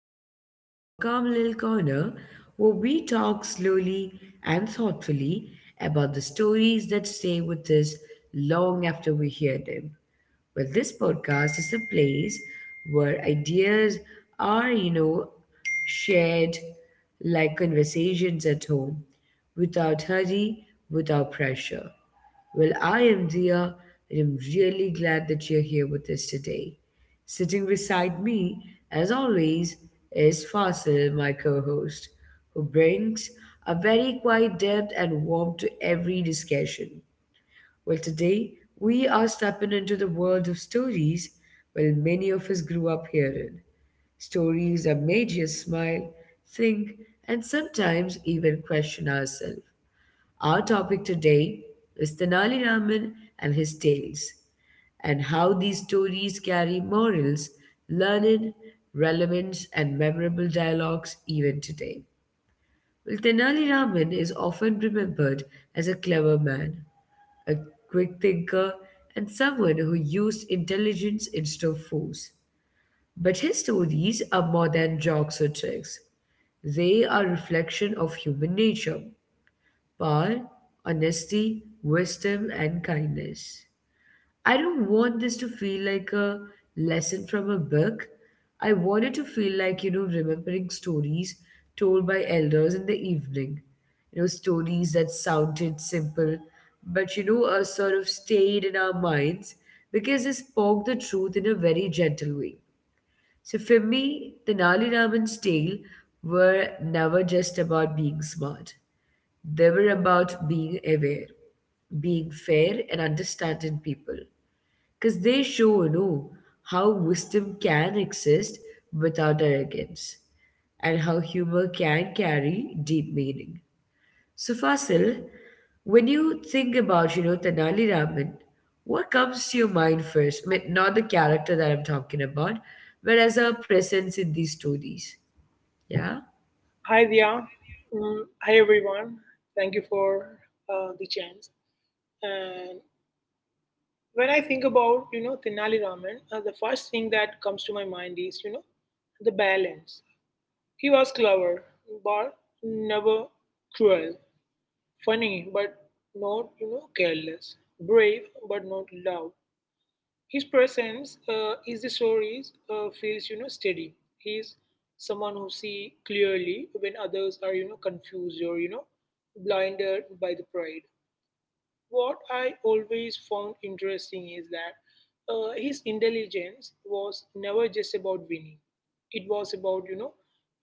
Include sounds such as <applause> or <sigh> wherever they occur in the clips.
welcome back to a calm little corner where we talk slowly and thoughtfully about the stories that stay with us long after we hear them. Well, this podcast is a place where ideas are, shared like conversations at home without hurry, without pressure. Well, I am Dia, and I'm really glad that you're here with us today. Sitting beside me, as always, is Fasil, my co host, who brings a very quiet depth and warmth to every discussion. Well, today we are stepping into the world of stories, well, many of us grew up hearing. Stories that made you smile, think, and sometimes even question ourselves. Our topic today is Tenali Raman and his tales, and how these stories carry morals, learning, relevance, and memorable dialogues even today. Well, Tenali Raman is often remembered as a clever man, a quick thinker, and someone who used intelligence instead of force. But his stories are more than jokes or tricks. They are reflection of human nature power, honesty, wisdom, and kindness. I don't want this to feel like a lesson from a book. I want it to feel like, remembering stories told by elders in the evening. You know, stories that sounded simple, but, sort of stayed in our minds because they spoke the truth in a very gentle way. So for me, the Nali Raman's tale were never just about being smart. They were about being aware, being fair, and understanding people. Because they show, how wisdom can exist without arrogance and how humor can carry deep meaning. So, Fasil, when you think about, Tanali Raman, what comes to your mind first? I mean, not the character that I'm talking about, but as a presence in these stories. Yeah? Hi, Dia. Mm, hi, everyone. Thank you for the chance. And when I think about, you know, Tenali Raman, the first thing that comes to my mind is, you know, the balance. He was clever, but never cruel. Funny, but not, you know, careless. Brave, but not loud. His presence is the stories feels you know steady. He is someone who see clearly when others are you know confused or you know blinded by the pride. What I always found interesting is that his intelligence was never just about winning. It was about you know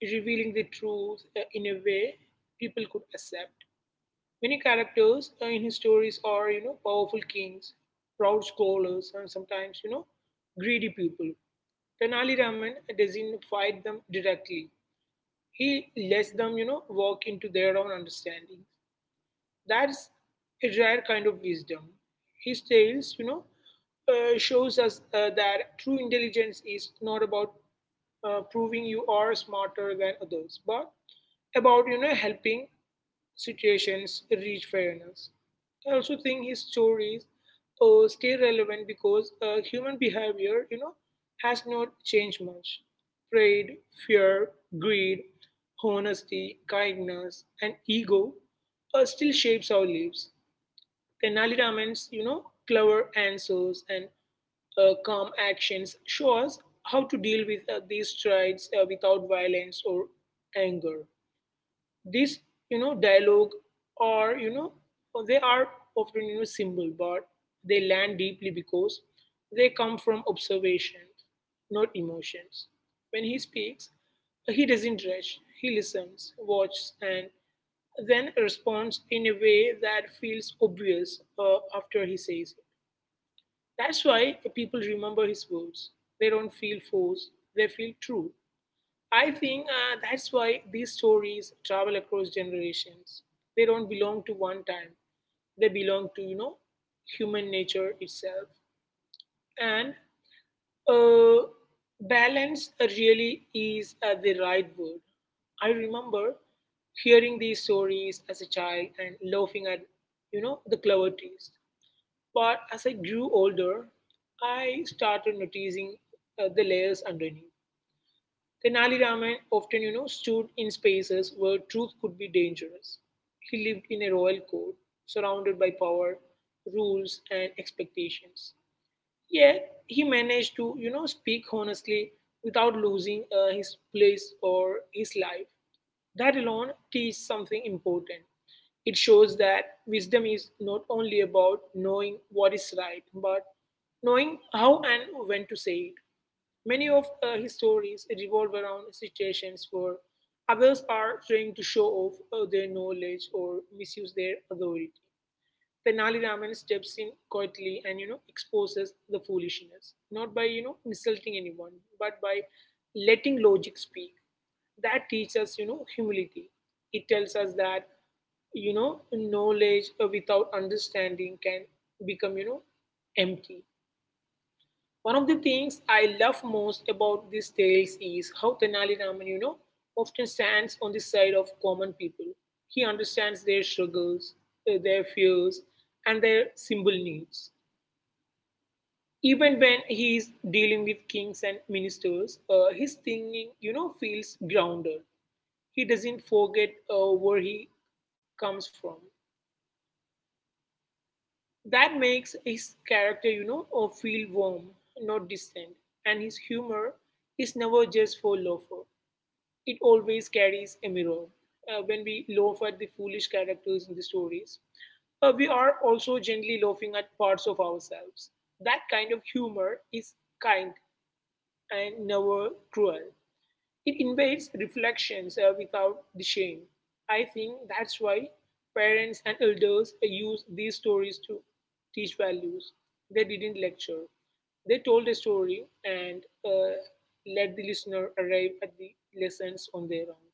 revealing the truth in a way people could accept. Many characters in his stories are, you know, powerful kings, proud scholars, and sometimes, you know, greedy people. Tenali Raman doesn't fight them directly. He lets them, you know, walk into their own understanding. That's a rare kind of wisdom. His tales, you know, shows us that true intelligence is not about proving you are smarter than others, but about you know helping situations reach fairness. I also think his stories stay relevant because human behavior, you know, has not changed much. Pride, fear, greed, honesty, kindness, and ego still shapes our lives. Tenali Raman's, you know, clever answers and calm actions show us how to deal with these traits without violence or anger, this you know dialogue or you know they are often you know simple, but they land deeply because they come from observations, not emotions. When he speaks, he doesn't rush. He listens, watches, and then responds in a way that feels obvious after he says it. That's why people remember his words. They don't feel forced, they feel true. I think that's why these stories travel across generations. They don't belong to one time. They belong to, you know, human nature itself. And uh, balance really is the right word. I remember hearing these stories as a child and laughing at, you know, the clever twist. But as I grew older, I started noticing the layers underneath. Tenali Raman often, you know, stood in spaces where truth could be dangerous. He lived in a royal court, surrounded by power, rules, and expectations. Yet he managed to, you know, speak honestly without losing his place or his life. That alone teaches something important. It shows that wisdom is not only about knowing what is right, but knowing how and when to say it. Many of his stories revolve around situations where others are trying to show off their knowledge or misuse their authority. Tenali Raman steps in quietly and you know exposes the foolishness, not by you know insulting anyone, but by letting logic speak. That teaches you know humility. It tells us that you know knowledge without understanding can become you know empty. One of the things I love most about these tales is how Tenali Raman, you know, often stands on the side of common people. He understands their struggles, their fears, and their simple needs. Even when he is dealing with kings and ministers, his thinking, you know, feels grounded. He doesn't forget where he comes from. That makes his character, you know, feel warm, not distant. And his humor is never just for laughter, it always carries a mirror. When we laugh at the foolish characters in the stories, we are also gently laughing at parts of ourselves. That kind of humor is kind and never cruel. It invites reflections without the shame. I think that's why parents and elders use these stories to teach values. They didn't lecture, they told a story and let the listener arrive at the lessons on their own.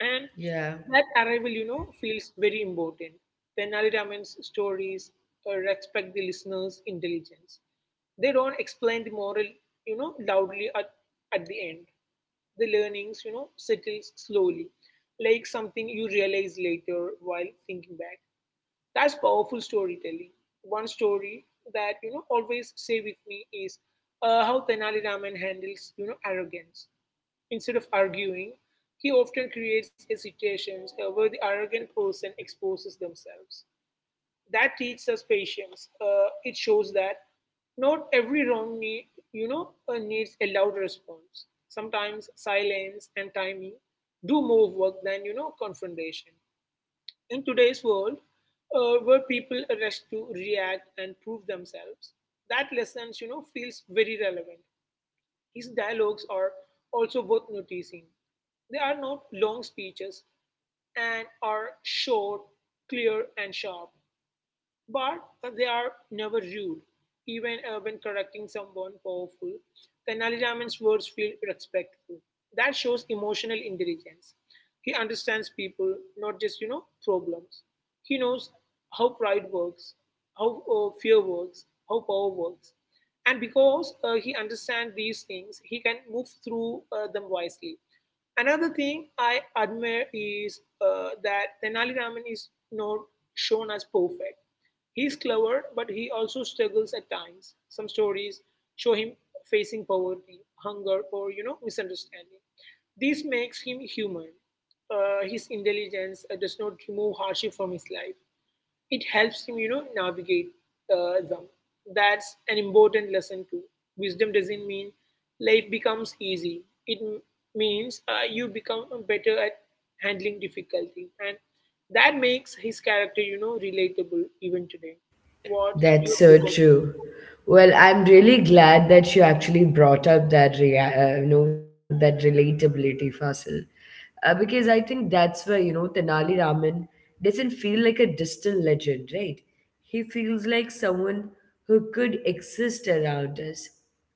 And Yeah. that arrival, you know, feels very important. Tenali Raman's stories respect the listener's intelligence. They don't explain the moral, you know, loudly at the end. The learnings, you know, settles slowly, like something you realize later while thinking back. That's powerful storytelling. One story that, you know, always stay with me is how Tenali Raman handles, you know, arrogance. Instead of arguing, he often creates a situation where the arrogant person exposes themselves. That teaches us patience. It shows that not every wrong needs a loud response. Sometimes silence and timing do more work than you know confrontation. In today's world, where people rush to react and prove themselves, that lesson you know feels very relevant. His dialogues are also worth noticing. They are not long speeches, and are short, clear, and sharp. But they are never rude. Even when correcting someone powerful, Tenali Raman's words feel respectful. That shows emotional intelligence. He understands people, not just, you know, problems. He knows how pride works, how fear works, how power works. And because he understands these things, he can move through them wisely. Another thing I admire is that Tenali Raman is not shown as perfect. He's clever, but he also struggles at times. Some stories show him facing poverty, hunger, or you know misunderstanding. This makes him human. His intelligence does not remove hardship from his life. It helps him, you know, navigate them. That's an important lesson too. Wisdom doesn't mean life becomes easy. It means you become better at handling difficulty. And that makes his character, you know, relatable even today. What's your That's so take on— true. Well, I'm really glad that you actually brought up that that relatability Fasil, because I think that's where you know Tenali Raman doesn't feel like a distant legend, right? He feels like someone who could exist around us.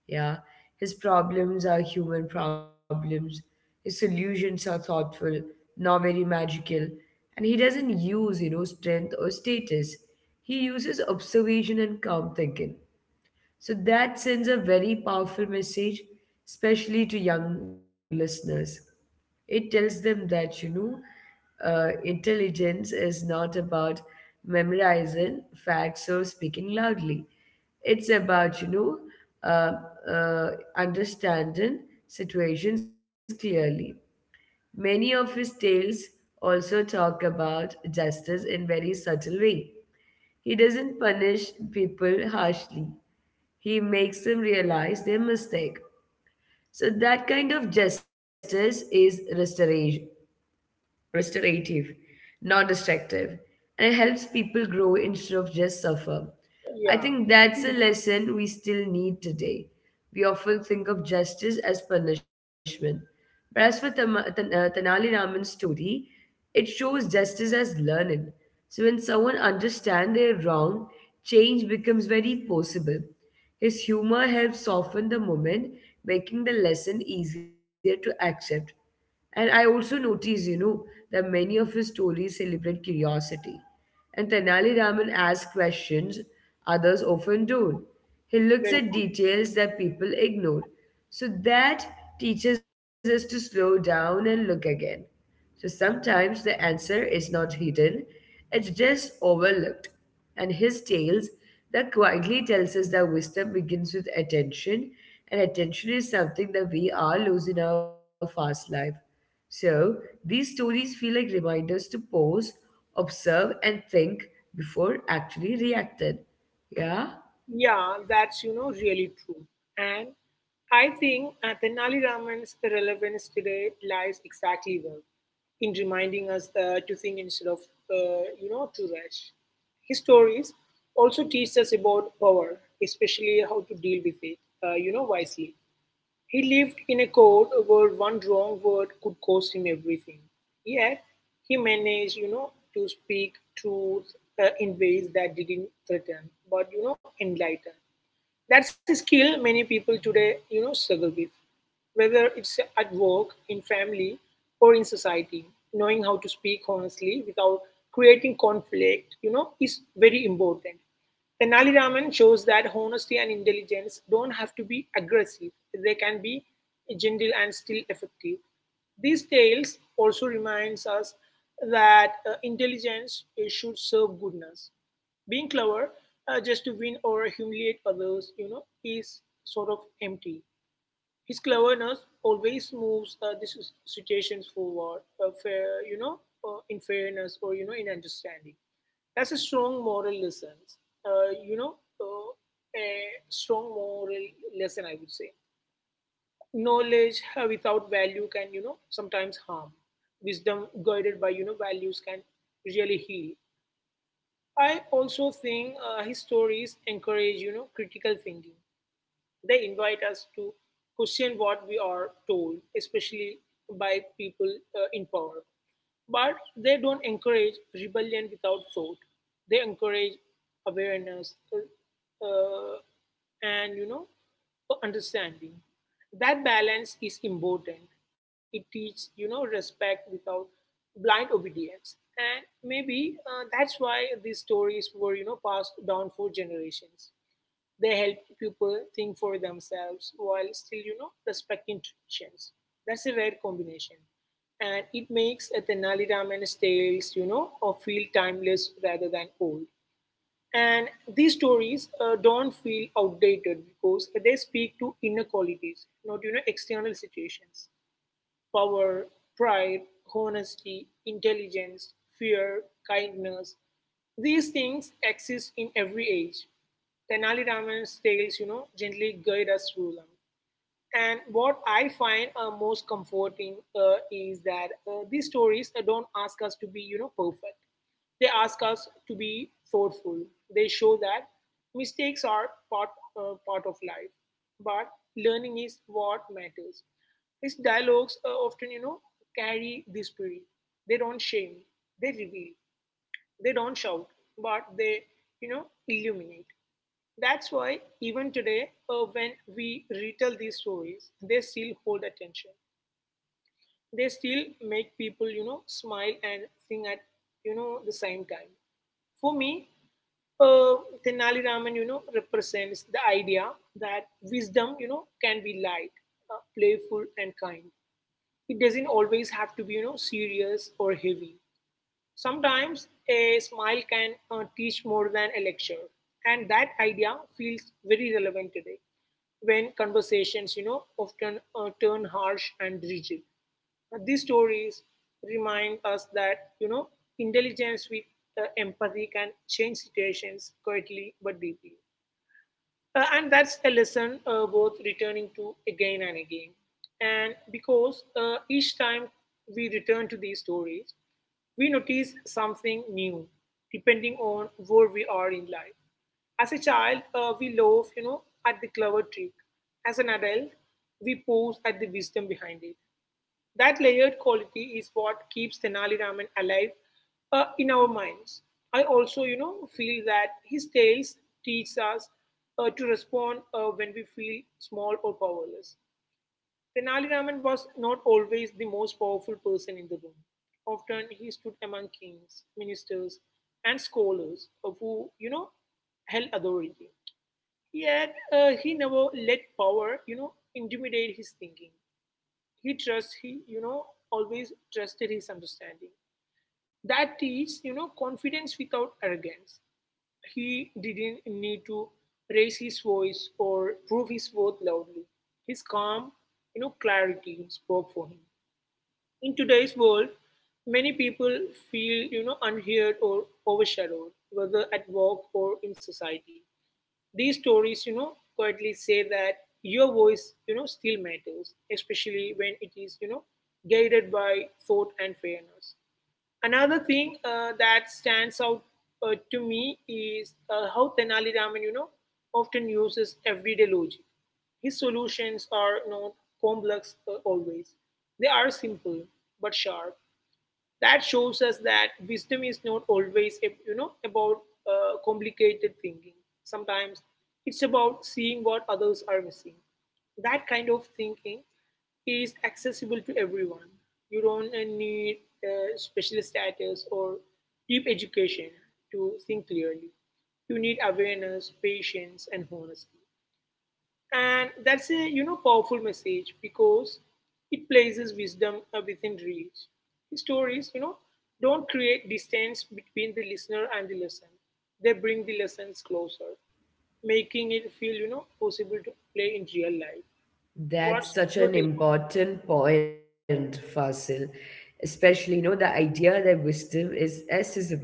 Yeah, his problems are human problems. His solutions are thoughtful, not very magical, and he doesn't use you know strength or status. He uses observation and calm thinking. So that sends a very powerful message, especially to young listeners. It tells them that, intelligence is not about memorizing facts or speaking loudly. It's about, uh, understanding situations clearly. Many of his tales also talk about justice in very subtle way. He doesn't punish people harshly. He makes them realize their mistake. So that kind of justice is restoration restorative, not destructive, and it helps people grow instead of just suffer. I Yeah. think that's a lesson we still need today. We often think of justice as punishment, but as for Tanali Raman's story, it shows justice as learning. So when someone understands their wrong, change becomes very possible. His humor helps soften the moment, making the lesson easier to accept. And I also notice, that many of his stories celebrate curiosity. And Tenali Raman asks questions others often don't. He looks at Well, details that people ignore. So that teaches us to slow down and look again. So sometimes the answer is not hidden, it's just overlooked. And his tales that quietly tells us that wisdom begins with attention, and attention is something that we are losing our fast life. So these stories feel like reminders to pause, observe, and think before actually reacting. Yeah? yeah, that's, you know, really true. And I think Tenali Raman's relevance today lies exactly there, in reminding us to think instead of, you know, to rush. His stories also teach us about power, especially how to deal with it, you know, wisely. He lived in a court where one wrong word could cost him everything. Yet he managed, you know, to speak truth in ways that didn't threaten, but you know, enlighten. That's a skill many people today, you know, struggle with. Whether it's at work, in family, or in society, knowing how to speak honestly without creating conflict, you know, is very important. Tenali Raman shows that honesty and intelligence don't have to be aggressive. They can be gentle and still effective. These tales also reminds us that intelligence should serve goodness. Being clever just to win or humiliate others, you know, is sort of empty. His cleverness always moves situations forward, fair, you know, in fairness or you know, in understanding. That's a strong moral lesson. Uh, you know, uh, a strong moral lesson, I would say. Knowledge without value can, you know, sometimes harm. Wisdom guided by, you know, values can really heal. I also think his stories encourage, you know, critical thinking. They invite us to question what we are told, especially by people in power. But they don't encourage rebellion without thought. They encourage awareness and you know understanding. That balance is important. It teaches you know respect without blind obedience, and maybe that's why these stories were you know passed down for generations. They help people think for themselves while still, you know, respecting traditions. That's a rare combination. And it makes a Tenali Raman's tales, you know, or feel timeless rather than old. And these stories don't feel outdated because they speak to inner qualities, not, you know, external situations: power, pride, honesty, intelligence, fear, kindness. These things exist in every age. Tenali Raman's tales, you know, gently guide us through them. And what I find most comforting is that these stories don't ask us to be, you know, perfect. They ask us to be thoughtful. They show that mistakes are part of life, but learning is what matters. His dialogues often, you know, carry this spirit. They don't shame. They reveal. They don't shout, but they, you know, illuminate. That's why, even today, when we retell these stories, they still hold attention. They still make people, you know, smile and sing at, you know, the same time. For me, uh, Tenali Raman, you know, represents the idea that wisdom, you know, can be light, playful, and kind. It doesn't always have to be, you know, serious or heavy. Sometimes a smile can teach more than a lecture, and that idea feels very relevant today when conversations, you know, often turn harsh and rigid. These stories remind us that, you know, intelligence with empathy can change situations quietly but deeply. And that's a lesson worth returning to again and again. And because each time we return to these stories, we notice something new, depending on where we are in life. As a child, we laugh, you know, at the clever trick. As an adult, we pause at the wisdom behind it. That layered quality is what keeps Tenali Raman alive in our minds. I also, feel that his tales teach us to respond when we feel small or powerless. Tenali Raman was not always the most powerful person in the room. Often he stood among kings, ministers, and scholars who, held authority. Yet he never let power, intimidate his thinking. He trusts, he, always trusted his understanding. That is, confidence without arrogance. He didn't need to raise his voice or prove his worth loudly. His calm, clarity spoke for him. In today's world, many people feel, unheard or overshadowed, whether at work or in society. These stories, quietly say that your voice, still matters, especially when it is, guided by thought and fairness. Another thing that stands out to me is how Tenali Raman, often uses everyday logic. His solutions are not complex always. They are simple but sharp, that shows us that wisdom is not always about complicated thinking. Sometimes it's about seeing what others are missing. That kind of thinking is accessible to everyone. You don't need special status or deep education to think clearly. You need awareness, patience, and honesty, and that's a powerful message, because it places wisdom within reach. Stories, don't create distance between the listener and the lesson. They bring the lessons closer, making it feel, possible to play in real life. What's That's such your an take on— important point, Fasil. Especially, the idea that wisdom is accessible.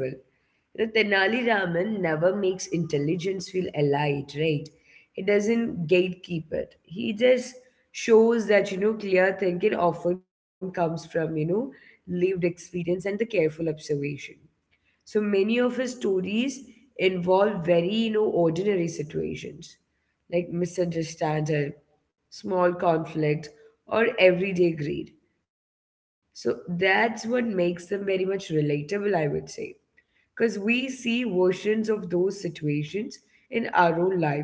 You know, Tenali Raman never makes intelligence feel allied, right? He doesn't gatekeep it. He just shows that, clear thinking often comes from, lived experience and the careful observation. So many of his stories involve very, ordinary situations like misunderstanding, small conflict, or everyday greed. So that's what makes them very much relatable, I would say because we see versions of those situations in our own lives.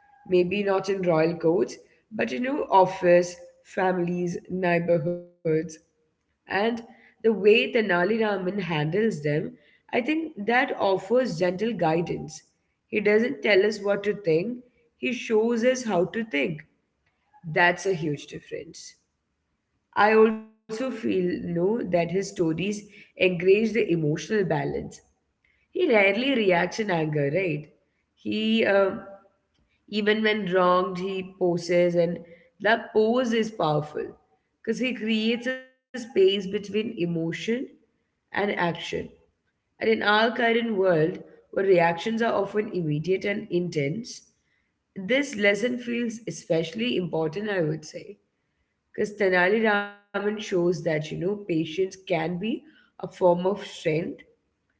Maybe not in royal courts, but in our office, families, neighborhoods. And the way Tenali Raman handles them, I think that offers gentle guidance. He doesn't tell us what to think, he shows us how to think. That's a huge difference. I also feel no that his stories encourage the emotional balance he rarely reacts in anger, right? He, um Even when wronged, he poses, and that pose is powerful because he creates a space between emotion and action. And in our current world, where reactions are often immediate and intense, this lesson feels especially important, I would say, because Tenali Raman shows that, patience can be a form of strength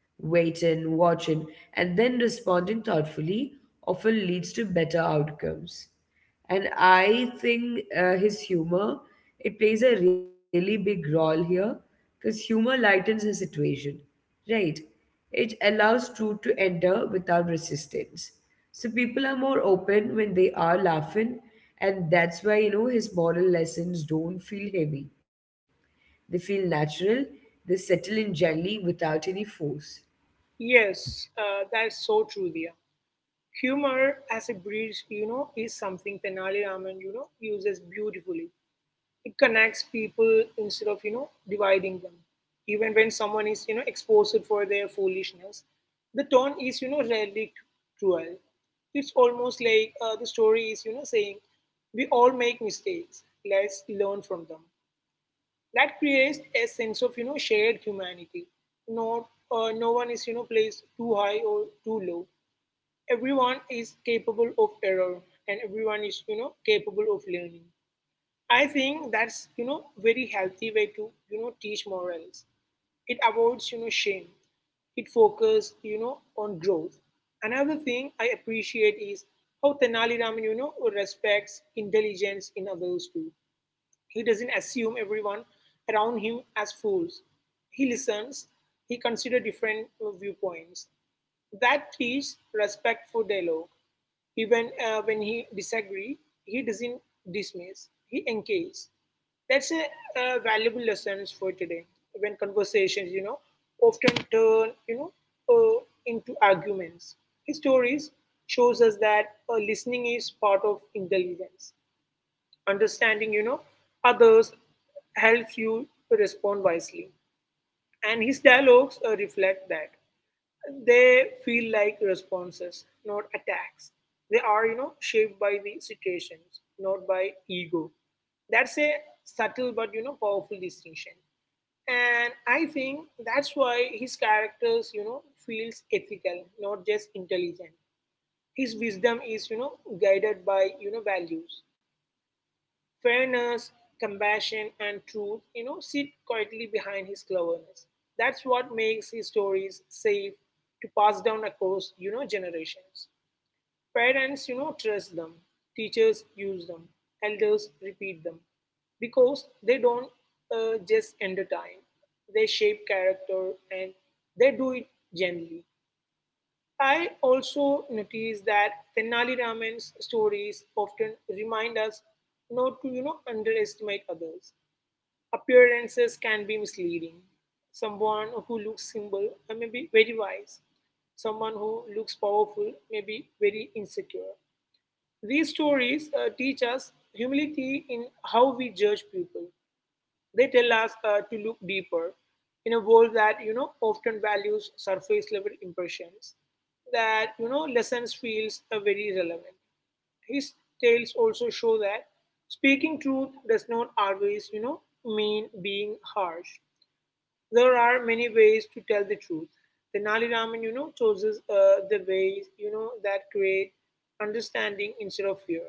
waiting, watching, and then responding thoughtfully often leads to better outcomes. And I think his humor it plays a really big role here because humor lightens the situation, right? It allows truth to enter without resistance. So people are more open when they are laughing, and that's why you know his moral lessons don't feel heavy. They feel natural. They settle in gently without any force. Yes, that's so true there. Humor as a bridge, is something Tenali Raman, uses beautifully. It connects people instead of, dividing them. Even when someone is, exposed for their foolishness, the tone is, rarely cruel. It's almost like the story is, saying we all make mistakes, let's learn from them. That creates a sense of, shared humanity. Not uh, no one is, placed too high or too low. Everyone is capable of error, and everyone is, capable of learning. I think that's, very healthy way to, teach morals. It avoids, shame. It focuses, on growth. Another thing I appreciate is how Tenali Raman, respects intelligence in others too. He doesn't assume everyone around him as fools. He listens, he considers different viewpoints. That teaches respect for dialogue. Even when he disagrees, he doesn't dismiss, he engages. That's a, valuable lesson for today, when conversations, often turn, uh, into arguments. His stories shows us that listening is part of intelligence. Understanding, others helps you to respond wisely, and his dialogues reflect that. They feel like responses, not attacks. They are, shaped by the situations, not by ego. That's a subtle but, powerful distinction, and I think that's why his characters, feels ethical, not just intelligent. His wisdom is, guided by, values. Fairness, compassion, and truth, sit quietly behind his cleverness. That's what makes his stories safe to pass down across, generations. Parents, trust them. Teachers use them. Elders repeat them. Because they don't just entertain, they shape character, and they do it gently. I also notice that Tenali Raman's stories often remind us not to, underestimate others. Appearances can be misleading. Someone who looks simple may be very wise. Someone who looks powerful may be very insecure. These stories teach us humility in how we judge people. They tell us to look deeper. In a world that, often values surface level impressions, that, lessons feels are very relevant. His tales also show that speaking truth does not always, mean being harsh. There are many ways to tell the truth. The Nali Raman, chooses the ways, that create understanding instead of fear.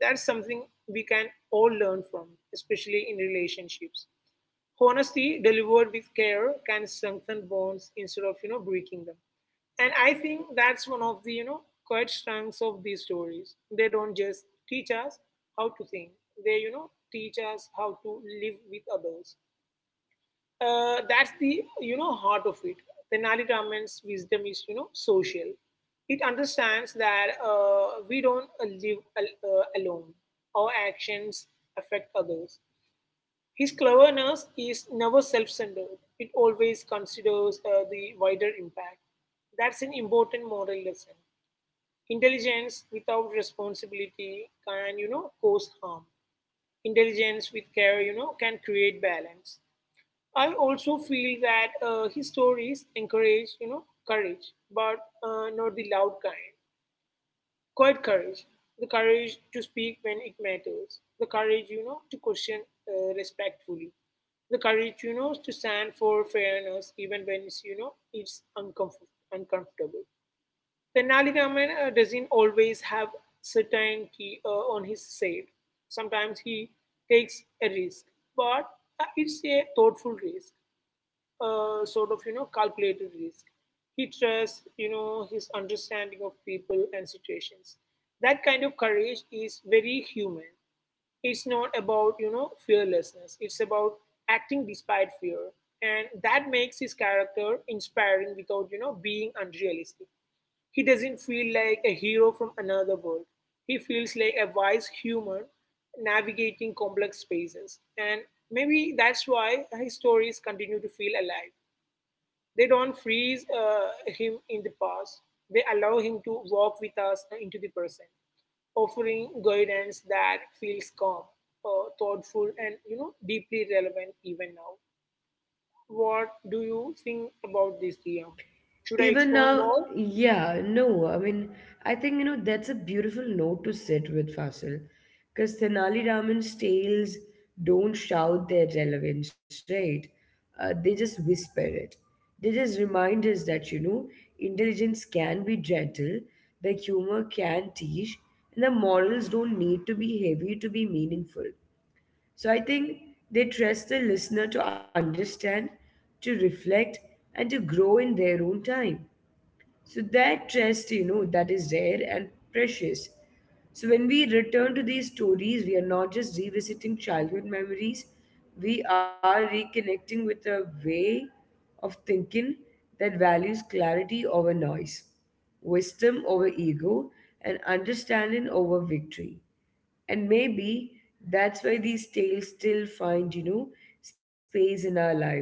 That's something we can all learn from, especially in relationships. Honesty delivered with care can strengthen bonds instead of, breaking them. And I think that's one of the, quiet strengths of these stories. They don't just teach us how to think; they, teach us how to live with others. That's the, heart of it. Tenali Raman's wisdom is, social. It understands that we don't alone. Our actions affect others. His cleverness is never self centered, it always considers the wider impact. That's an important moral lesson. Intelligence without responsibility can, cause harm. Intelligence with care, can create balance. I also feel that his stories encourage, courage, but not the loud kind. Quite courage. The courage to speak when it matters. The courage, to question respectfully. The courage, to stand for fairness even when it's, uncomfortable. Tenali Raman doesn't always have certainty on his side. Sometimes he takes a risk, but it's a thoughtful risk, sort of, calculated risk. He trusts, his understanding of people and situations. That kind of courage is very human. It's not about, fearlessness. It's about acting despite fear, and that makes his character inspiring without, being unrealistic. He doesn't feel like a hero from another world. He feels like a wise human navigating complex spaces. And maybe that's why his stories continue to feel alive. They don't freeze him in the past, they allow him to walk with us into the present, offering guidance that feels calm, thoughtful, and, deeply relevant even now. What do you think about this, Dia? Should I Even explain now, more? yeah, no. I mean, I think, that's a beautiful note to sit with, Fasil. Because Tenali Raman's tales don't shout their relevance, right? They just whisper it. They just remind us that, intelligence can be gentle, the humor can teach, and the morals don't need to be heavy to be meaningful. So I think they trust the listener to understand, to reflect, and to grow in their own time. So that trust, that is rare and precious. So when we return to these stories, we are not just revisiting childhood memories, we are reconnecting with a way of thinking that values clarity over noise, wisdom over ego, and understanding over victory. And maybe that's why these tales still find, space in our lives.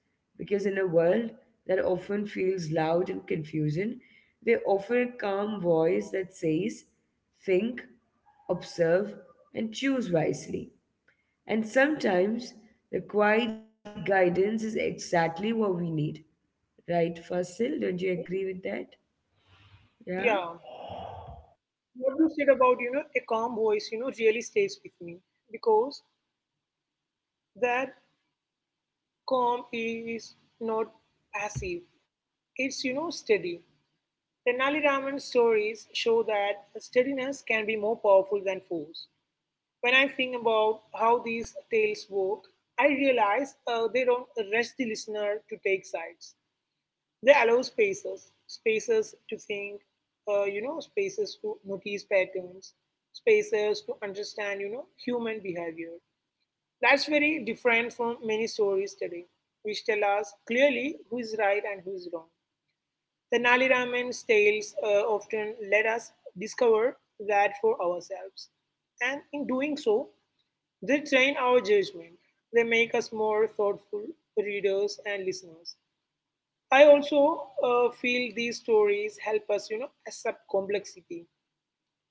Because in a world that often feels loud and confusing, they offer a calm voice that says, think, observe, and choose wisely. And sometimes the quiet guidance is exactly what we need. Right, Fasil? Don't you agree with that? Yeah. Yeah? What you said about, a calm voice, really stays with me, because that calm is not passive, it's, steady. Tenali Raman stories show that steadiness can be more powerful than force. When I think about how these tales work, I realize they don't rush the listener to take sides. They allow spaces, spaces to think, spaces to notice patterns, spaces to understand, human behavior. That's very different from many stories today, which tell us clearly who is right and who is wrong. The Nali Raman's tales often let us discover that for ourselves. And in doing so, they train our judgment. They make us more thoughtful readers and listeners. I also feel these stories help us, accept complexity.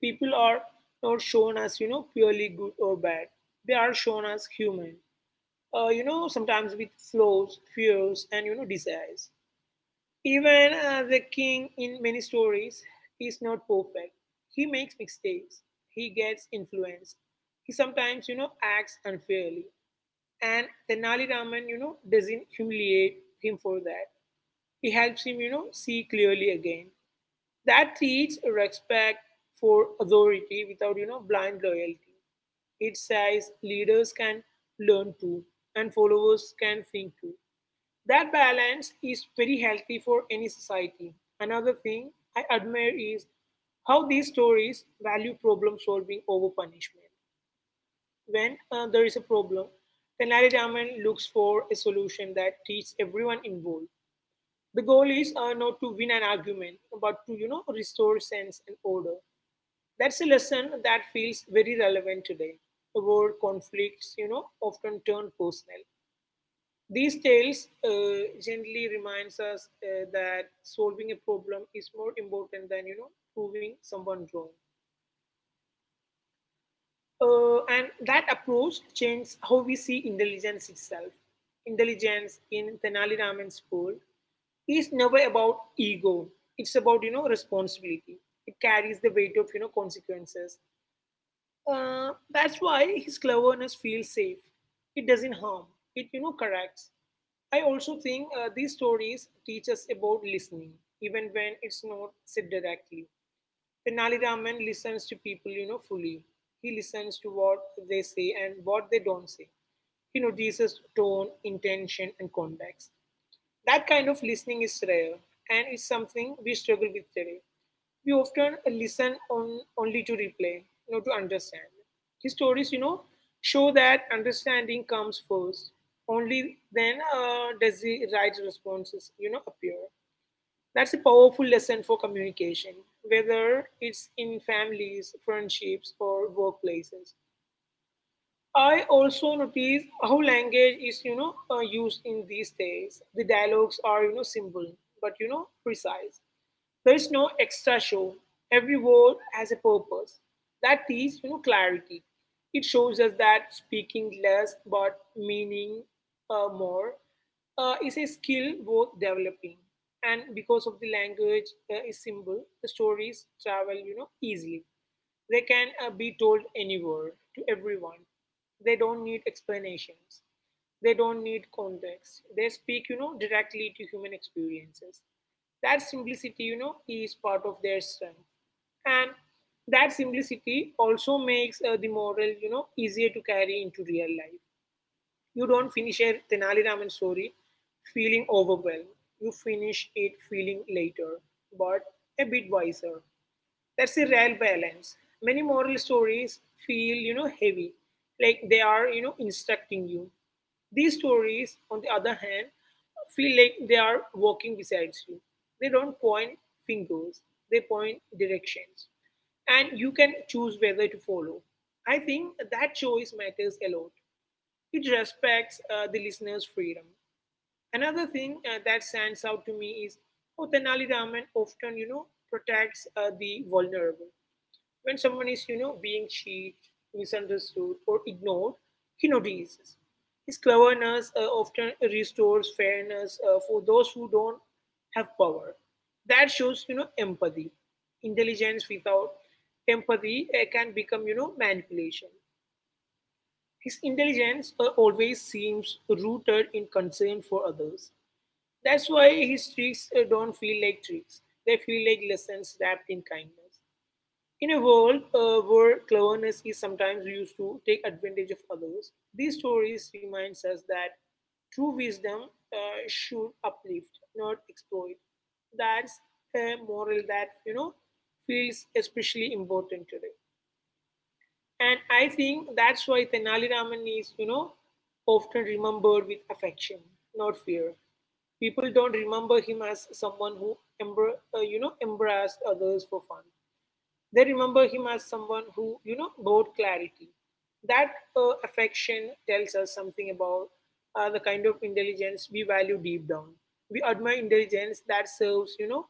People are not shown as, purely good or bad. They are shown as human. Sometimes with flaws, fears, and, desires. Even the king in many stories is not perfect. He makes mistakes. He gets influenced. He sometimes, acts unfairly. And Tenali Raman, doesn't humiliate him for that, he helps him, see clearly again. That teaches respect for authority without, blind loyalty. It says leaders can learn too, and followers can think too. That balance is very healthy for any society. Another thing I admire is how these stories value problem solving over punishment. When there is a problem, Tenali Raman looks for a solution that teaches everyone involved. The goal is not to win an argument, but to, restore sense and order. That's a lesson that feels very relevant today, where conflicts, often turn personal. These tales gently reminds us that solving a problem is more important than, proving someone wrong. And that approach changed how we see intelligence itself. Intelligence in Tenali Raman's world is never about ego. It's about, responsibility. It carries the weight of, consequences. That's why his cleverness feels safe. It doesn't harm. It, corrects. I also think these stories teach us about listening, even when it's not said directly. Tenali Raman listens to people, fully. He listens to what they say and what they don't say. He notices tone, intention, and context. That kind of listening is rare and is something we struggle with today. We often listen on, only to replay, not to understand. His stories, show that understanding comes first. Only then does the right responses, appear. That's a powerful lesson for communication, whether it's in families, friendships, or workplaces. I also notice how language is, used in these days. The dialogues are, simple but, precise. There's no extra show. Every word has a purpose. That is, clarity. It shows us that speaking less but meaning more is a skill worth developing. And because of the language is simple, the stories travel, easily. They can be told anywhere to everyone. They don't need explanations. They don't need context. They speak, directly to human experiences. That simplicity, is part of their strength. And that simplicity also makes the moral, easier to carry into real life. You don't finish a Tenali Raman story feeling overwhelmed. You finish it feeling later, but a bit wiser. That's a rare balance. Many moral stories feel, heavy, like they are, instructing you. These stories, on the other hand, feel like they are walking beside you. They don't point fingers, they point directions. And you can choose whether to follow. I think that choice matters a lot. It respects the listener's freedom. Another thing that stands out to me is how Tenali Raman often, protects the vulnerable. When someone is, being cheated, misunderstood, or ignored, he notices. His cleverness often restores fairness for those who don't have power. That shows, empathy. Intelligence without empathy can become, manipulation. His intelligence always seems rooted in concern for others. That's why his tricks don't feel like tricks. They feel like lessons wrapped in kindness. In a world where cleverness is sometimes used to take advantage of others, these stories reminds us that true wisdom should uplift, not exploit. That's a moral that feels especially important today, and I think that's why Tenali Raman is often remembered with affection, not fear. People don't remember him as someone who embarrassed others for fun, they remember him as someone who, brought clarity. That affection tells us something about the kind of intelligence we value deep down. We admire intelligence that serves,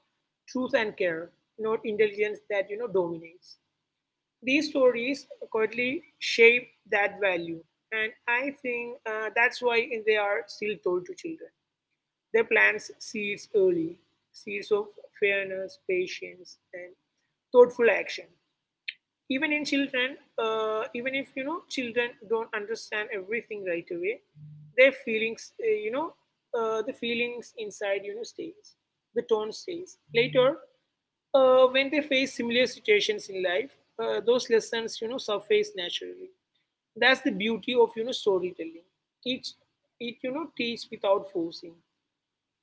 truth and care, not intelligence that, dominates. These stories quietly shape that value. And I think that's why they are still told to children. They plant seeds early, seeds of fairness, patience, and thoughtful action even in children even if children don't understand everything right away, their feelings the feelings inside stays, the tone stays later when they face similar situations in life those lessons surface naturally. That's the beauty of storytelling, teach it you know teach without forcing.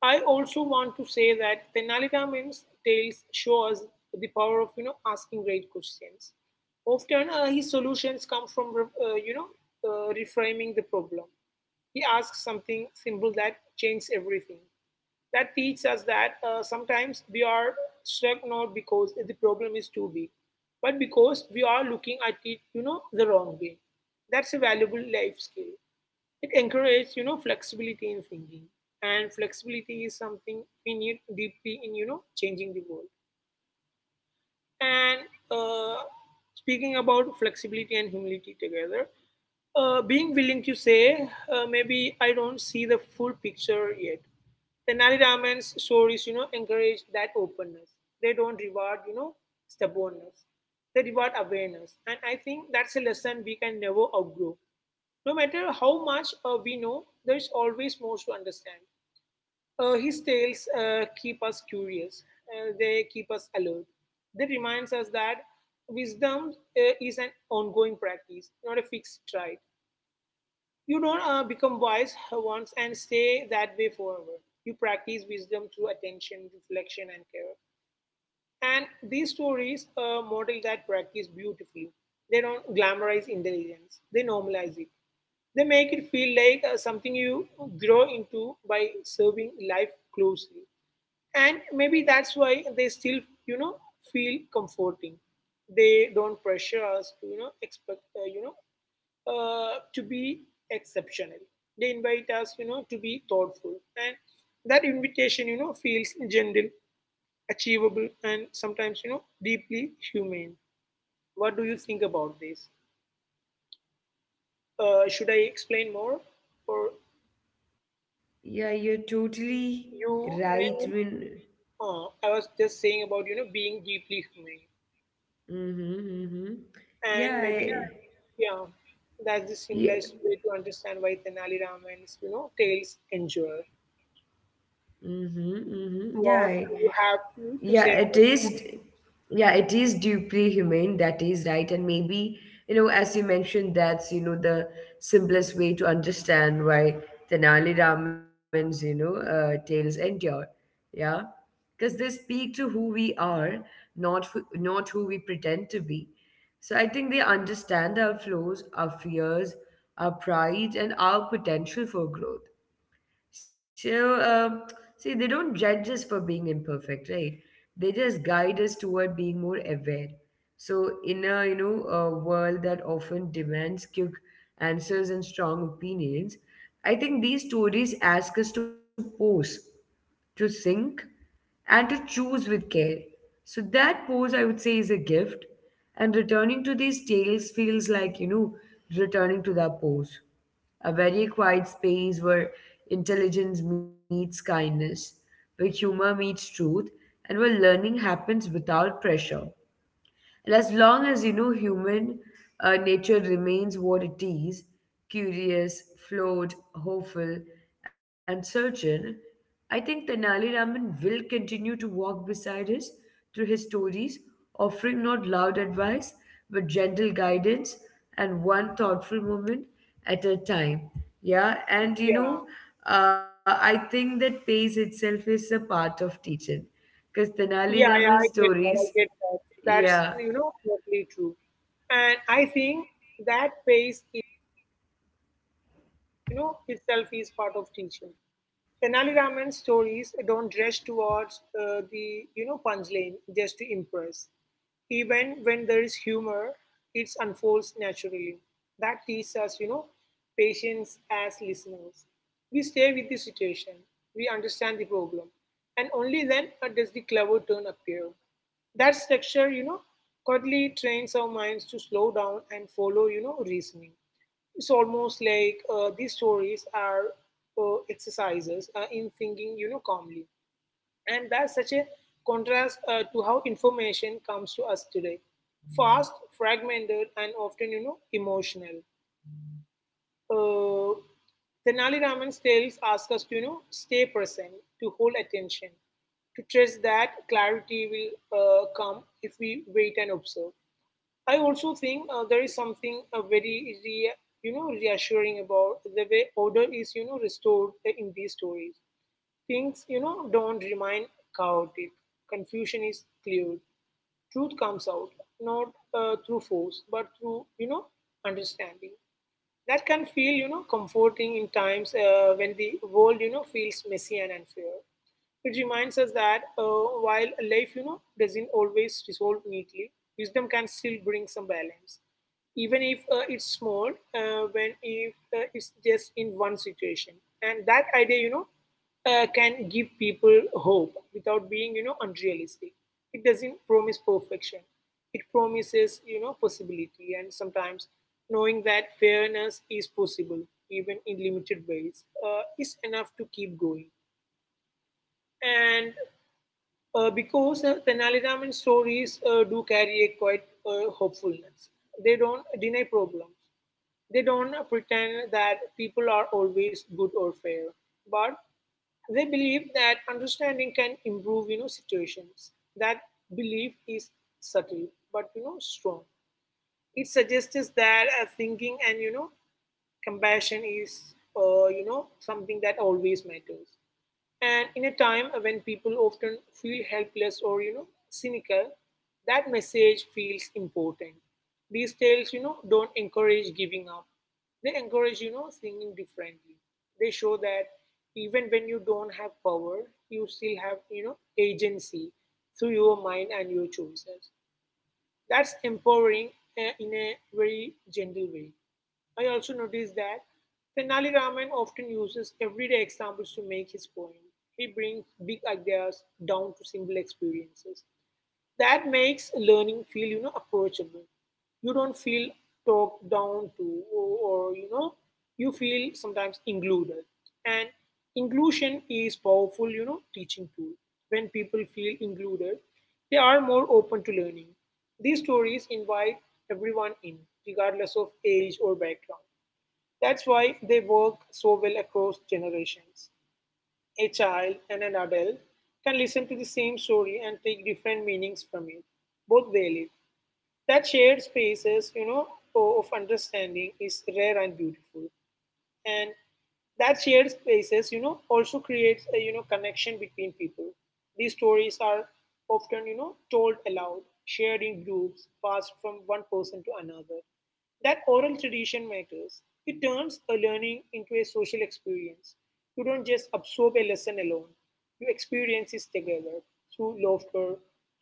I also want to say that Tenali Ramayan's tales show us the power of asking great questions. Often his solutions come from uh, you know reframing the problem. He asks something simple that changes everything. That teaches us that sometimes we are struck not because the problem is too big, but because we are looking at it the wrong way. That's a valuable life skill. It encourages, flexibility in thinking. And flexibility is something we need deeply in, changing the world. And uh, speaking about flexibility and humility together, being willing to say, maybe I don't see the full picture yet. The Nari Raman's stories, encourage that openness. They don't reward, stubbornness. They reward awareness. And I think that's a lesson we can never outgrow. No matter how much we know, there's always more to understand. His tales keep us curious. They keep us alert. They reminds us that wisdom is an ongoing practice, not a fixed trait. You don't become wise once and stay that way forever. You practice wisdom through attention, reflection, and care. And these stories model that practice beautifully. They don't glamorize intelligence, they normalize it. They make it feel like something you grow into by serving life closely. And maybe that's why they still, you know, feel comforting. They don't pressure us to, expect, to be exceptional. They invite us, to be thoughtful. And that invitation, feels gentle, achievable, and sometimes deeply humane. What do you think about this? Should I explain more, or Yeah, you're totally you may. right, Min. I was just saying about being deeply humane, Mm-hmm, mm-hmm. and Yeah, maybe, yeah, I, yeah, that's the yeah. simplest way to understand why Tenali Raman's tales endure. Mm-hmm, mm-hmm. What do you have to, Yeah, it say about it? is. Yeah, it is deeply humane. That is right, and maybe you know, as you mentioned, that's you know the simplest way to understand why Tenali Raman's tales endure. Yeah, because they speak to who we are, not who we pretend to be. So I think they understand our flaws, our fears, our pride, and our potential for growth. So, uh, see, they don't judge us for being imperfect, right? They just guide us toward being more aware. So, in a you know a world that often demands quick answers and strong opinions, I think these stories ask us to pause to think and to choose with care. So that pose, I would say, is a gift. And returning to these tales feels like, returning to that pose. A very quiet space where intelligence meets kindness, where humor meets truth, and where learning happens without pressure. And as long as you know human nature remains what it is curious flawed hopeful and certain I think tenali raman will continue to walk beside us through his stories offering not loud advice but gentle guidance and one thoughtful moment at a time yeah and Yeah, you know I think that pace itself is a part of teaching because Tenali yeah, Raman yeah, I get that, stories, I get that. That's yeah, totally true. And I think that pace is, itself is part of teaching. Tenali Raman's stories don't rush towards the, punchline just to impress. Even when there is humor, it unfolds naturally. That teaches us, patience as listeners. We stay with the situation. We understand the problem. And only then does the clever turn appear. That structure, quietly trains our minds to slow down and follow, reasoning. It's almost like these stories are exercises in thinking, calmly. And that's such a contrast to how information comes to us today, fast, fragmented, and often, emotional. Uh, Tenali Raman's tales ask us to, stay present, to hold attention, to trust that clarity will come if we wait and observe. I also think there is something very reassuring about the way order is restored in these stories. Things don't remain chaotic. Confusion is cleared. Truth comes out, not through force but through understanding. That can feel comforting in times when the world feels messy and unfair. It reminds us that while life, doesn't always resolve neatly, wisdom can still bring some balance, even if it's small. When if it's just in one situation, and that idea, can give people hope without being, unrealistic. It doesn't promise perfection. It promises, possibility, and sometimes knowing that fairness is possible, even in limited ways, is enough to keep going. And because Tenali Raman stories do carry a quite hopefulness. They don't deny problems. They don't pretend that people are always good or fair, but they believe that understanding can improve, situations. That belief is subtle, but strong. It suggests that thinking and compassion is something that always matters. And in a time when people often feel helpless or cynical, that message feels important. These tales, don't encourage giving up. They encourage thinking differently. They show that even when you don't have power, you still have agency through your mind and your choices. That's empowering in a very gentle way. I also noticed that Tenali Raman often uses everyday examples to make his point. He brings big ideas down to simple experiences. That makes learning feel, approachable. You don't feel talked down to, or you feel sometimes included. And inclusion is powerful, teaching tool. When people feel included, they are more open to learning. These stories invite everyone in, regardless of age or background. That's why they work so well across generations. A child and an adult can listen to the same story and take different meanings from it. Both valid. That shared spaces, of understanding is rare and beautiful, and that shared spaces also creates a connection between people. These stories are often told aloud, shared in groups, passed from one person to another. That oral tradition matters, it turns a learning into a social experience. You don't just absorb a lesson alone, you experience it together, through laughter,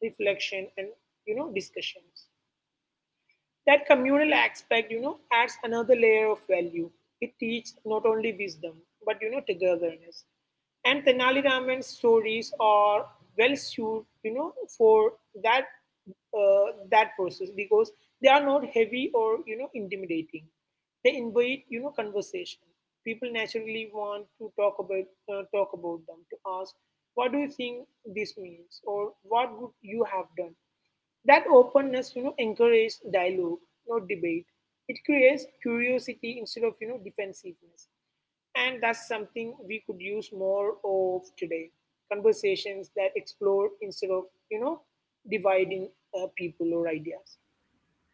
reflection, and discussions. That communal aspect, adds another layer of value. It teaches not only wisdom, but, togetherness. And Tenali Raman's stories are well suited, for that that process because they are not heavy or intimidating. They invite conversation. People naturally want to talk about talk about them, to ask, what do you think this means, or what would you have done? That openness, encourages dialogue, not debate. It creates curiosity instead of defensiveness, and that's something we could use more of today. Conversations that explore instead of you know dividing people or ideas.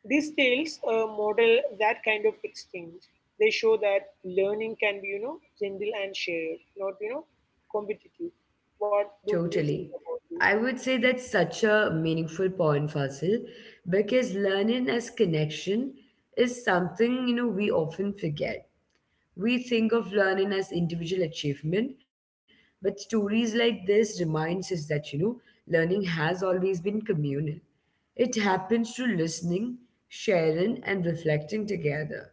These tales model that kind of exchange. They show that learning can be gentle and shared, not competitive. What do Totally. you think about I this? would say that's such a meaningful point, Fasil, because learning as connection is something, we often forget. We think of learning as individual achievement, but stories like this reminds us that, learning has always been communal. It happens through listening, sharing, and reflecting together.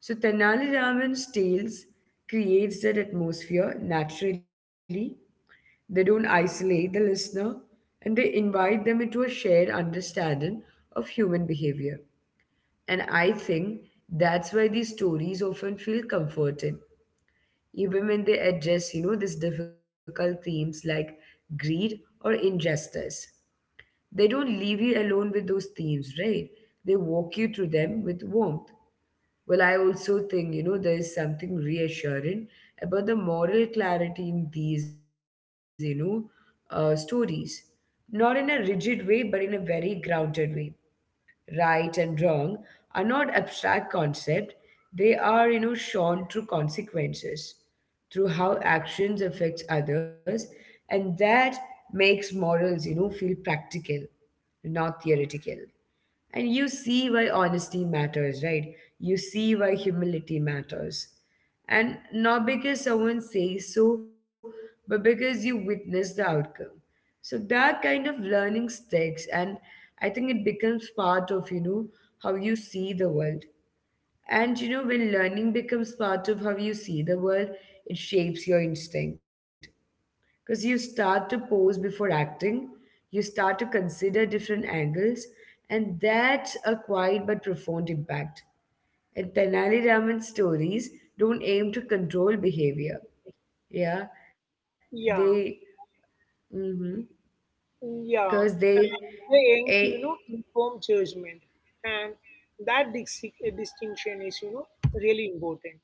So Tenali Raman's tales creates that atmosphere naturally they don't isolate the listener and they invite them into a shared understanding of human behavior. And I think that's why these stories often feel comforting, even when they address, these difficult themes like greed or injustice. They don't leave you alone with those themes, right? They walk you through them with warmth. Well, I also think, there is something reassuring about the moral clarity in these, stories. Not in a rigid way, but in a very grounded way. Right and wrong are not abstract concepts, they are, shown through consequences, through how actions affect others, and that makes morals, feel practical, not theoretical. And you see why honesty matters, right? You see why humility matters. And not because someone says so, but because you witness the outcome. So that kind of learning sticks, and I think it becomes part of, how you see the world. When learning becomes part of how you see the world, it shapes your instinct because you start to pose before acting. You start to consider different angles, and that's a quiet but profound impact. And Tenali Raman stories don't aim to control behavior. Yeah they Yeah. because Yeah, and they they aim a to inform judgment, and that distinction is really important.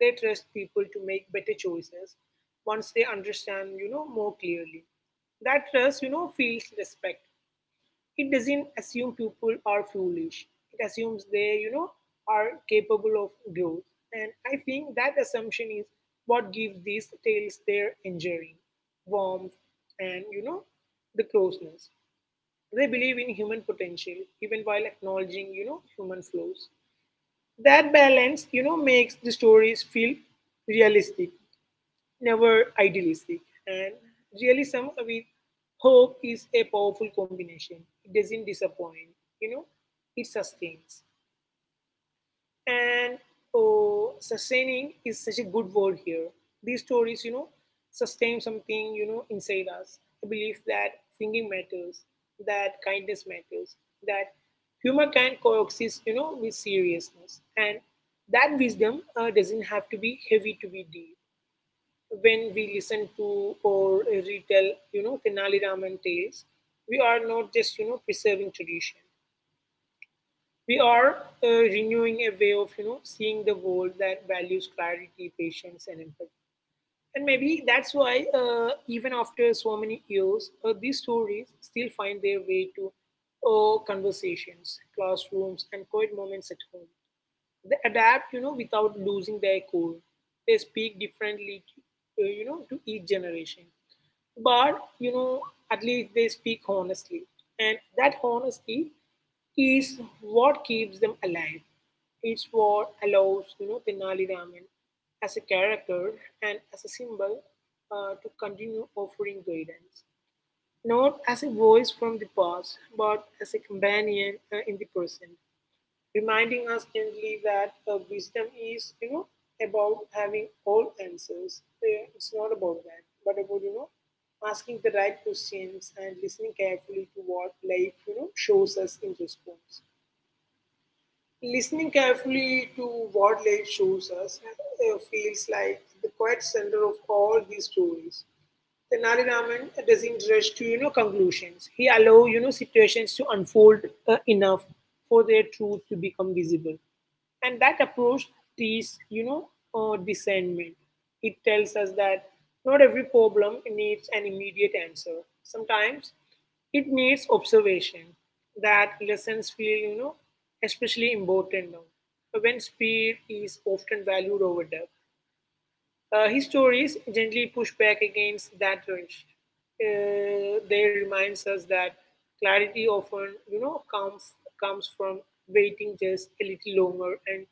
They trust people to make better choices once they understand more clearly. That trust feels respectful. It doesn't assume people are foolish. It assumes they, are capable of growth. And I think that assumption is what gives these tales their enduring warmth and, the closeness. They believe in human potential, even while acknowledging, human flaws. That balance, makes the stories feel realistic, never idealistic. And realism with hope is a powerful combination. It doesn't disappoint, you know, it sustains. And oh, sustaining is such a good word here. These stories, sustain something, inside us. A belief that thinking matters, that kindness matters, that humor can coexist, with seriousness. And that wisdom doesn't have to be heavy to be deep. When we listen to or retell, Tenali Raman tales, we are not just, preserving tradition. We are renewing a way of, seeing the world that values clarity, patience, and empathy. And maybe that's why, even after so many years, these stories still find their way to conversations, classrooms, and quiet moments at home. They adapt, without losing their core. They speak differently, to each generation, but, you know, at least they speak honestly. And that honesty is what keeps them alive. It's what allows, Tenali Raman as a character and as a symbol to continue offering guidance. Not as a voice from the past, but as a companion in the present, reminding us gently that wisdom is, about having all answers. It's not about that, but about, asking the right questions and listening carefully to what life, shows us in response. Listening carefully to what life shows us feels like the quiet center of all these stories. Then Raman doesn't rush to conclusions. He allow situations to unfold enough for their truth to become visible, and that approach teaches discernment. It tells us that not every problem needs an immediate answer. Sometimes it needs observation. That lessons feel especially important now when speed is often valued over depth. His stories gently push back against that rush. They reminds us that clarity often, comes comes from waiting just a little longer and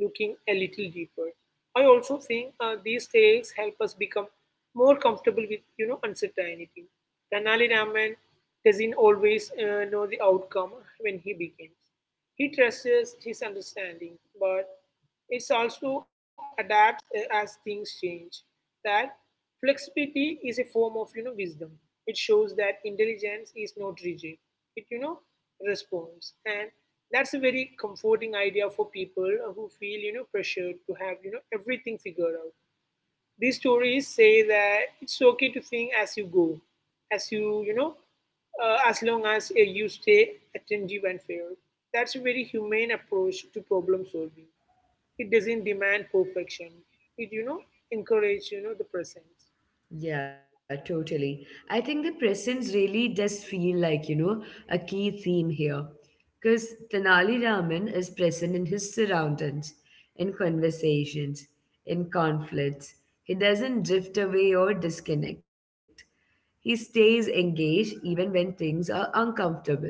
looking a little deeper. I also think these tales help us become more comfortable with, uncertainty. Tanali Raman doesn't always know the outcome when he begins. He trusts his understanding, but it also adapts as things change. That flexibility is a form of wisdom. It shows that intelligence is not rigid. It responds, and that's a very comforting idea for people who feel pressured to have everything figured out. These stories say that it's okay to think as you go, as you, you know, as long as you stay attentive and fair. That's a very humane approach to problem solving. It doesn't demand perfection. It, encourages, the presence. Yeah, totally. I think the presence really does feel like, a key theme here. Because Tanali Raman is present in his surroundings, in conversations, in conflicts. He doesn't drift away or disconnect. He stays engaged even when things are uncomfortable.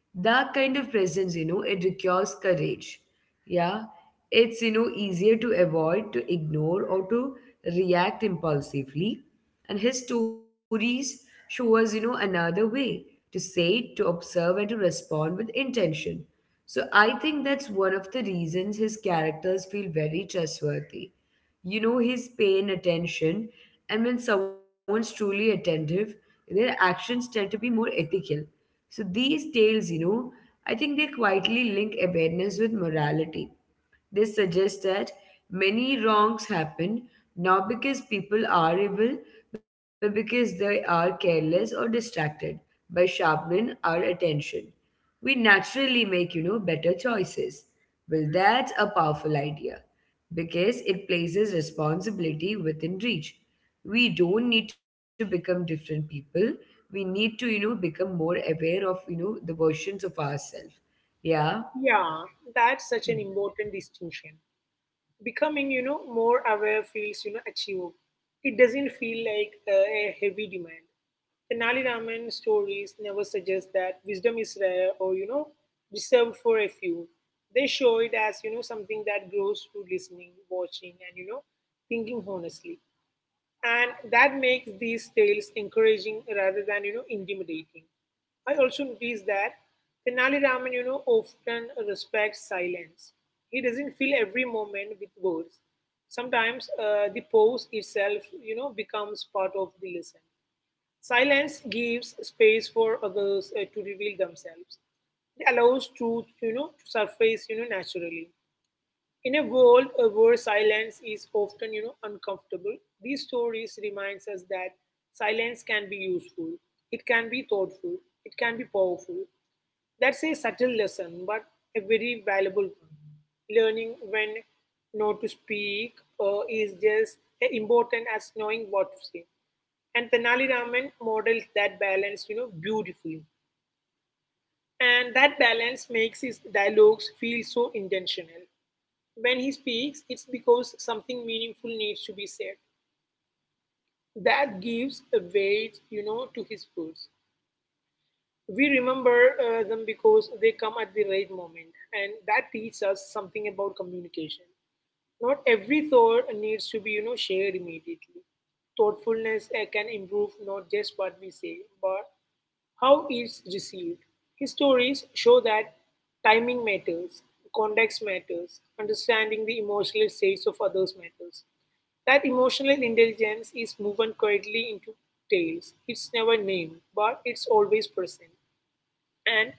That kind of presence, it requires courage. Yeah, it's, easier to avoid, to ignore, or to react impulsively. And his stories show us, another way to say, to observe, and to respond with intention. So I think that's one of the reasons his characters feel very trustworthy. He's paying attention, and when someone's truly attentive, their actions tend to be more ethical. So these tales, I think they quietly link awareness with morality. They suggest that many wrongs happen not because people are evil, but because they are careless or distracted. By sharpening our attention, we naturally make, better choices. Well, that's a powerful idea because it places responsibility within reach. We don't need to become different people. We need to, become more aware of, the versions of ourselves. yeah Yeah, that's such an Hmm. important distinction. Becoming more aware feels achievable. It doesn't feel like a heavy demand. Tenali Raman stories never suggest that wisdom is rare or reserved for a few. They show it as something that grows through listening, watching, and thinking honestly. And that makes these tales encouraging rather than intimidating. I also noticed that Tenali Raman, often respects silence. He doesn't fill every moment with words. Sometimes the pose itself, becomes part of the lesson. Silence gives space for others to reveal themselves. It allows truth, to surface, naturally. In a world where silence is often, uncomfortable, these stories reminds us that silence can be useful. It can be thoughtful. It can be powerful. That's a subtle lesson, but a very valuable one. Learning when not to speak is just as important as knowing what to say. And Tenali Raman models that balance, beautifully. And that balance makes his dialogues feel so intentional. When he speaks, it's because something meaningful needs to be said. That gives a weight, to his words. We remember them because they come at the right moment, and that teaches us something about communication. Not every thought needs to be, shared immediately. Thoughtfulness can improve not just what we say, but how it's received. Histories show that timing matters, context matters, understanding the emotional states of others matters. That emotional intelligence is woven quietly into tales. It's never named, but it's always present. And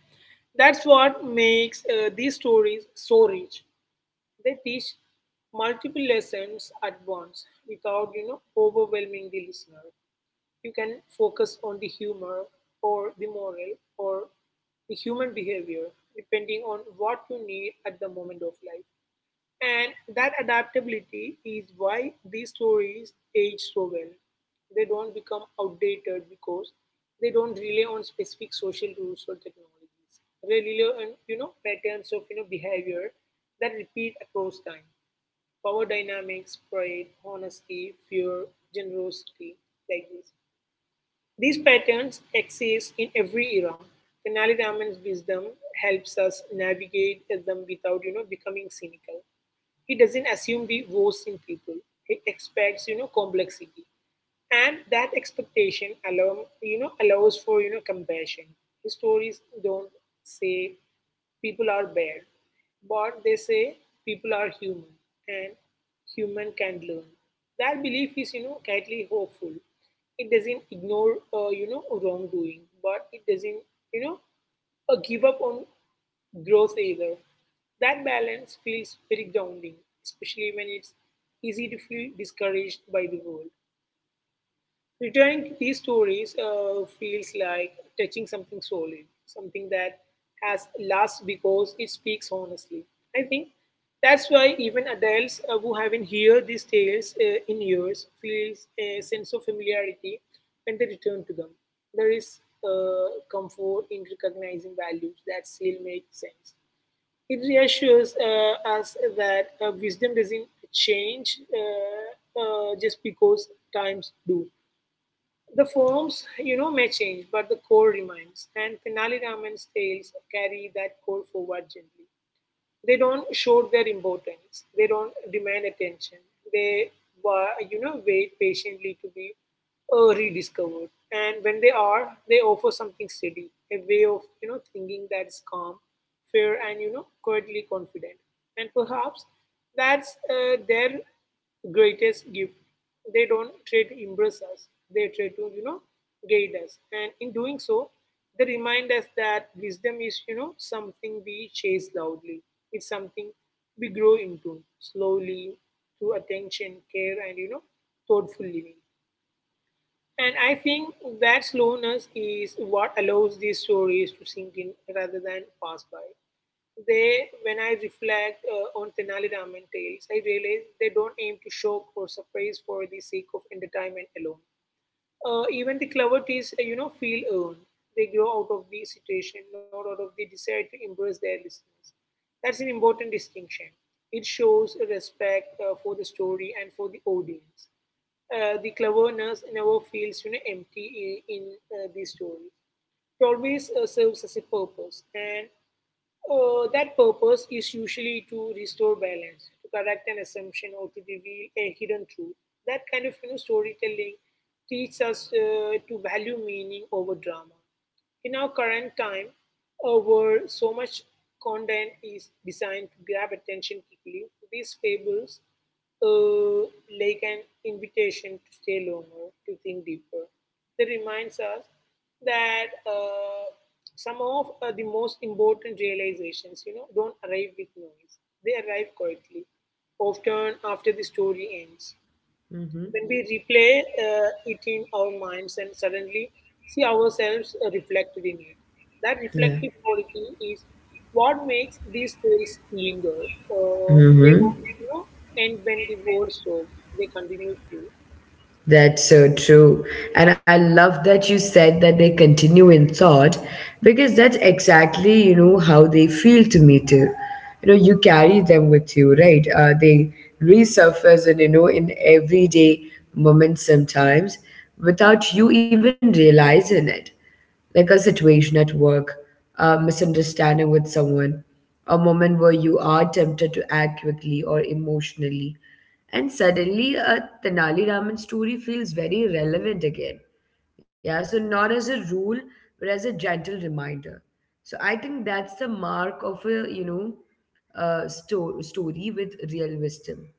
that's what makes these stories so rich. They teach multiple lessons at once without, overwhelming the listener. You can focus on the humor or the moral or the human behavior depending on what you need at the moment of life. And that adaptability is why these stories age so well. They don't become outdated because they don't rely on specific social rules or technologies. They rely on patterns of behavior that repeat across time. Power dynamics, pride, honesty, fear, generosity, like this. These patterns exist in every era. Tenali Raman's wisdom helps us navigate them without, becoming cynical. He doesn't assume the worst in people. He expects, complexity, and that expectation allows for compassion. His stories don't say people are bad, but they say people are human, and human can learn. That belief is quietly hopeful. It doesn't ignore wrongdoing, but it doesn't you know give up on growth either. That balance feels very grounding, especially when it's easy to feel discouraged by the world. Returning to these stories feels like touching something solid, something that has lasts because it speaks honestly. I think that's why even adults who haven't heard these tales in years feels a sense of familiarity when they return to them. There is comfort in recognizing values that still make sense. It reassures us that wisdom doesn't change just because times do. The forms, may change, but the core remains. And Tenali Raman's tales carry that core forward gently. They don't show their importance. They don't demand attention. They, wait patiently to be rediscovered. And when they are, they offer something steady, a way of, thinking that's calm, fair, and, quietly confident. And perhaps that's their greatest gift. They don't try to impress us. They try to, guide us. And in doing so, they remind us that wisdom is, something we chase loudly. It's something we grow into slowly through attention, care, and, thoughtful living. And I think that slowness is what allows these stories to sink in rather than pass by. They, when I reflect on Tenali Raman tales, I realize they don't aim to shock or surprise for the sake of entertainment alone. Even the cleverties, feel earned. They grow out of the situation, not out of the desire to impress their listeners. That's an important distinction. It shows a respect for the story and for the audience. The cleverness never feels, empty in the story. It always serves as a purpose, and that purpose is usually to restore balance, to correct an assumption, or to reveal a hidden truth. That kind of storytelling teaches us to value meaning over drama. In our current time, where so much content is designed to grab attention quickly, these fables uh, like an invitation to stay longer, to think deeper. They reminds us that some of the most important realizations, don't arrive with noise. They arrive quietly, often after the story ends. mm-hmm. When we replay it in our minds and suddenly see ourselves reflected in it, that yeah reflective quality is what makes these stories linger. They don't, mm-hmm. End when the war stops. They continue to. That's so true. And I love that you said that they continue in thought, because that's exactly, how they feel to me too. You know, you carry them with you, right? They resurface, and, in everyday moments sometimes without you even realizing it, like a situation at work, a misunderstanding with someone, a moment where you are tempted to act quickly or emotionally. And suddenly, a Tenali Raman story feels very relevant again. Yeah, so not as a rule, but as a gentle reminder. So I think that's the mark of a, story with real wisdom.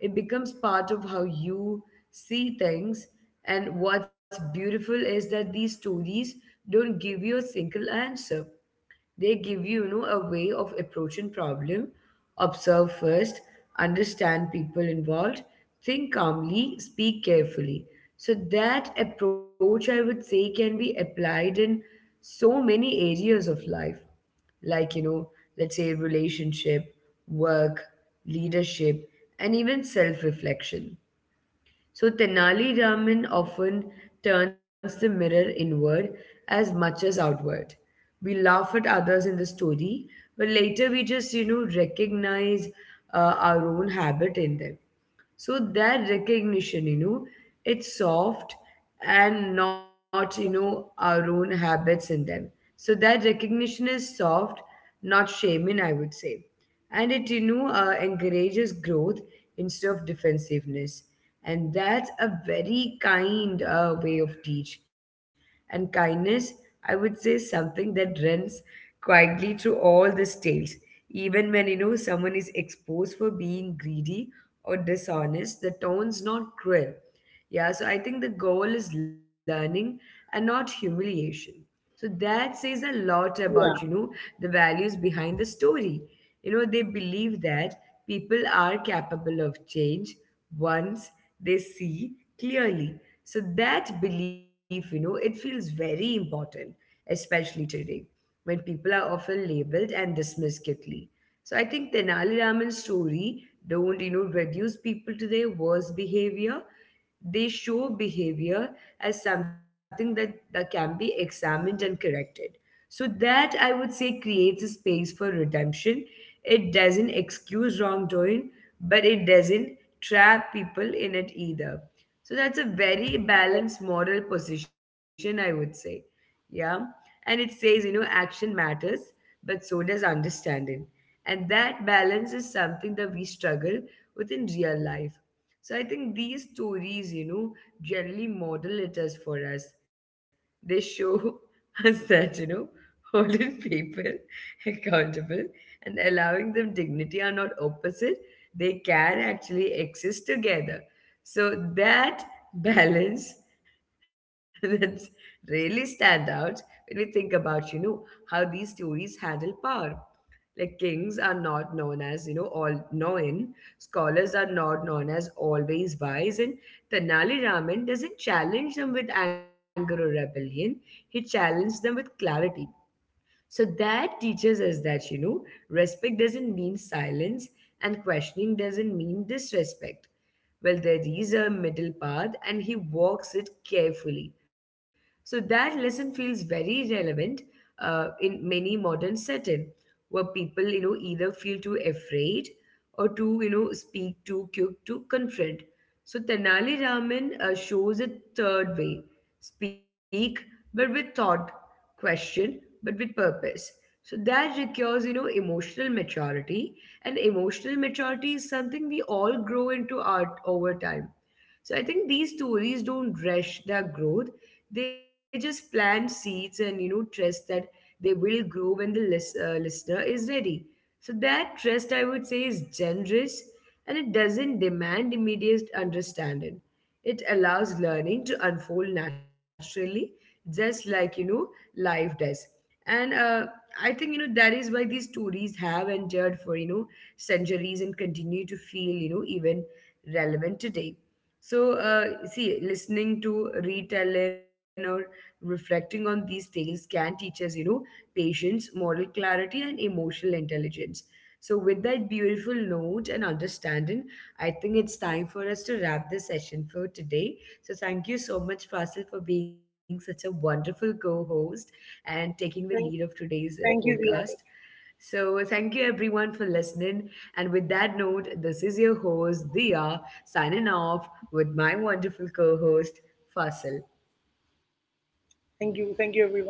It becomes part of how you see things. And what's beautiful is that these stories don't give you a single answer. They give you, you know a way of approaching problem. Observe first, understand people involved, think calmly, speak carefully. So that approach, I would say, can be applied in so many areas of life, like, let's say relationship, work, leadership, and even self reflection. So Tenali Raman often turns the mirror inward as much as outward. We laugh at others in the story, but later we just, recognize our own habit in them. So that recognition, it's soft and not, our own habits in them. So that recognition is soft, not shaming, I would say. And it, encourages growth instead of defensiveness. And that's a very kind way of teach. And kindness, I would say, something that runs quietly through all these tales. Even when, someone is exposed for being greedy or dishonest, the tone's not cruel. Yeah, so I think the goal is learning and not humiliation. So that says a lot Yeah. about, the values behind the story. You know, they believe that people are capable of change once they see clearly. So that belief, it feels very important, especially today when people are often labeled and dismissed quickly. So I think Tenali Raman's story don't, reduce people to their worst behavior. They show behavior as something that can be examined and corrected. So, that I would say creates a space for redemption. It doesn't excuse wrongdoing, but it doesn't trap people in it either. So, that's a very balanced moral position, I would say. Yeah. And it says, action matters, but so does understanding. And that balance is something that we struggle with in real life. So I think these stories, generally model it as for us. They show <laughs> us that, holding people <laughs> accountable and allowing them dignity are not opposite. They can actually exist together. So that balance <laughs> <laughs> that's really stand out when we think about, how these stories handle power. Like kings are not known as, all knowing, scholars are not known as always wise, and Tenali Raman doesn't challenge them with anger or rebellion. He challenged them with clarity. So that teaches us that, respect doesn't mean silence and questioning doesn't mean disrespect. Well, there is a middle path and he walks it carefully. So that lesson feels very relevant in many modern setting where people, either feel too afraid or to, speak to, cook, to confront. So Tenali Raman shows a third way: speak, but with thought, question, but with purpose. So that requires, emotional maturity. And emotional maturity is something we all grow into art over time. So I think these stories don't rush their growth. They just plant seeds and, trust that they will grow when the listener is ready. So that trust, I would say, is generous, and it doesn't demand immediate understanding. It allows learning to unfold naturally, just like, life does. And I think, that is why these stories have endured for, centuries and continue to feel, even relevant today. So, see, listening to retelling or reflecting on these tales can teach us, patience, moral clarity, and emotional intelligence. So, with that beautiful note and understanding, I think it's time for us to wrap this session for today. So, thank you so much, Fasil, for being such a wonderful co host and taking the lead Thank, of today's thank you, Zia. podcast. So, thank you everyone for listening. And with that note, this is your host, Dia, signing off with my wonderful co host, Fasil. Thank you. Thank you, everyone.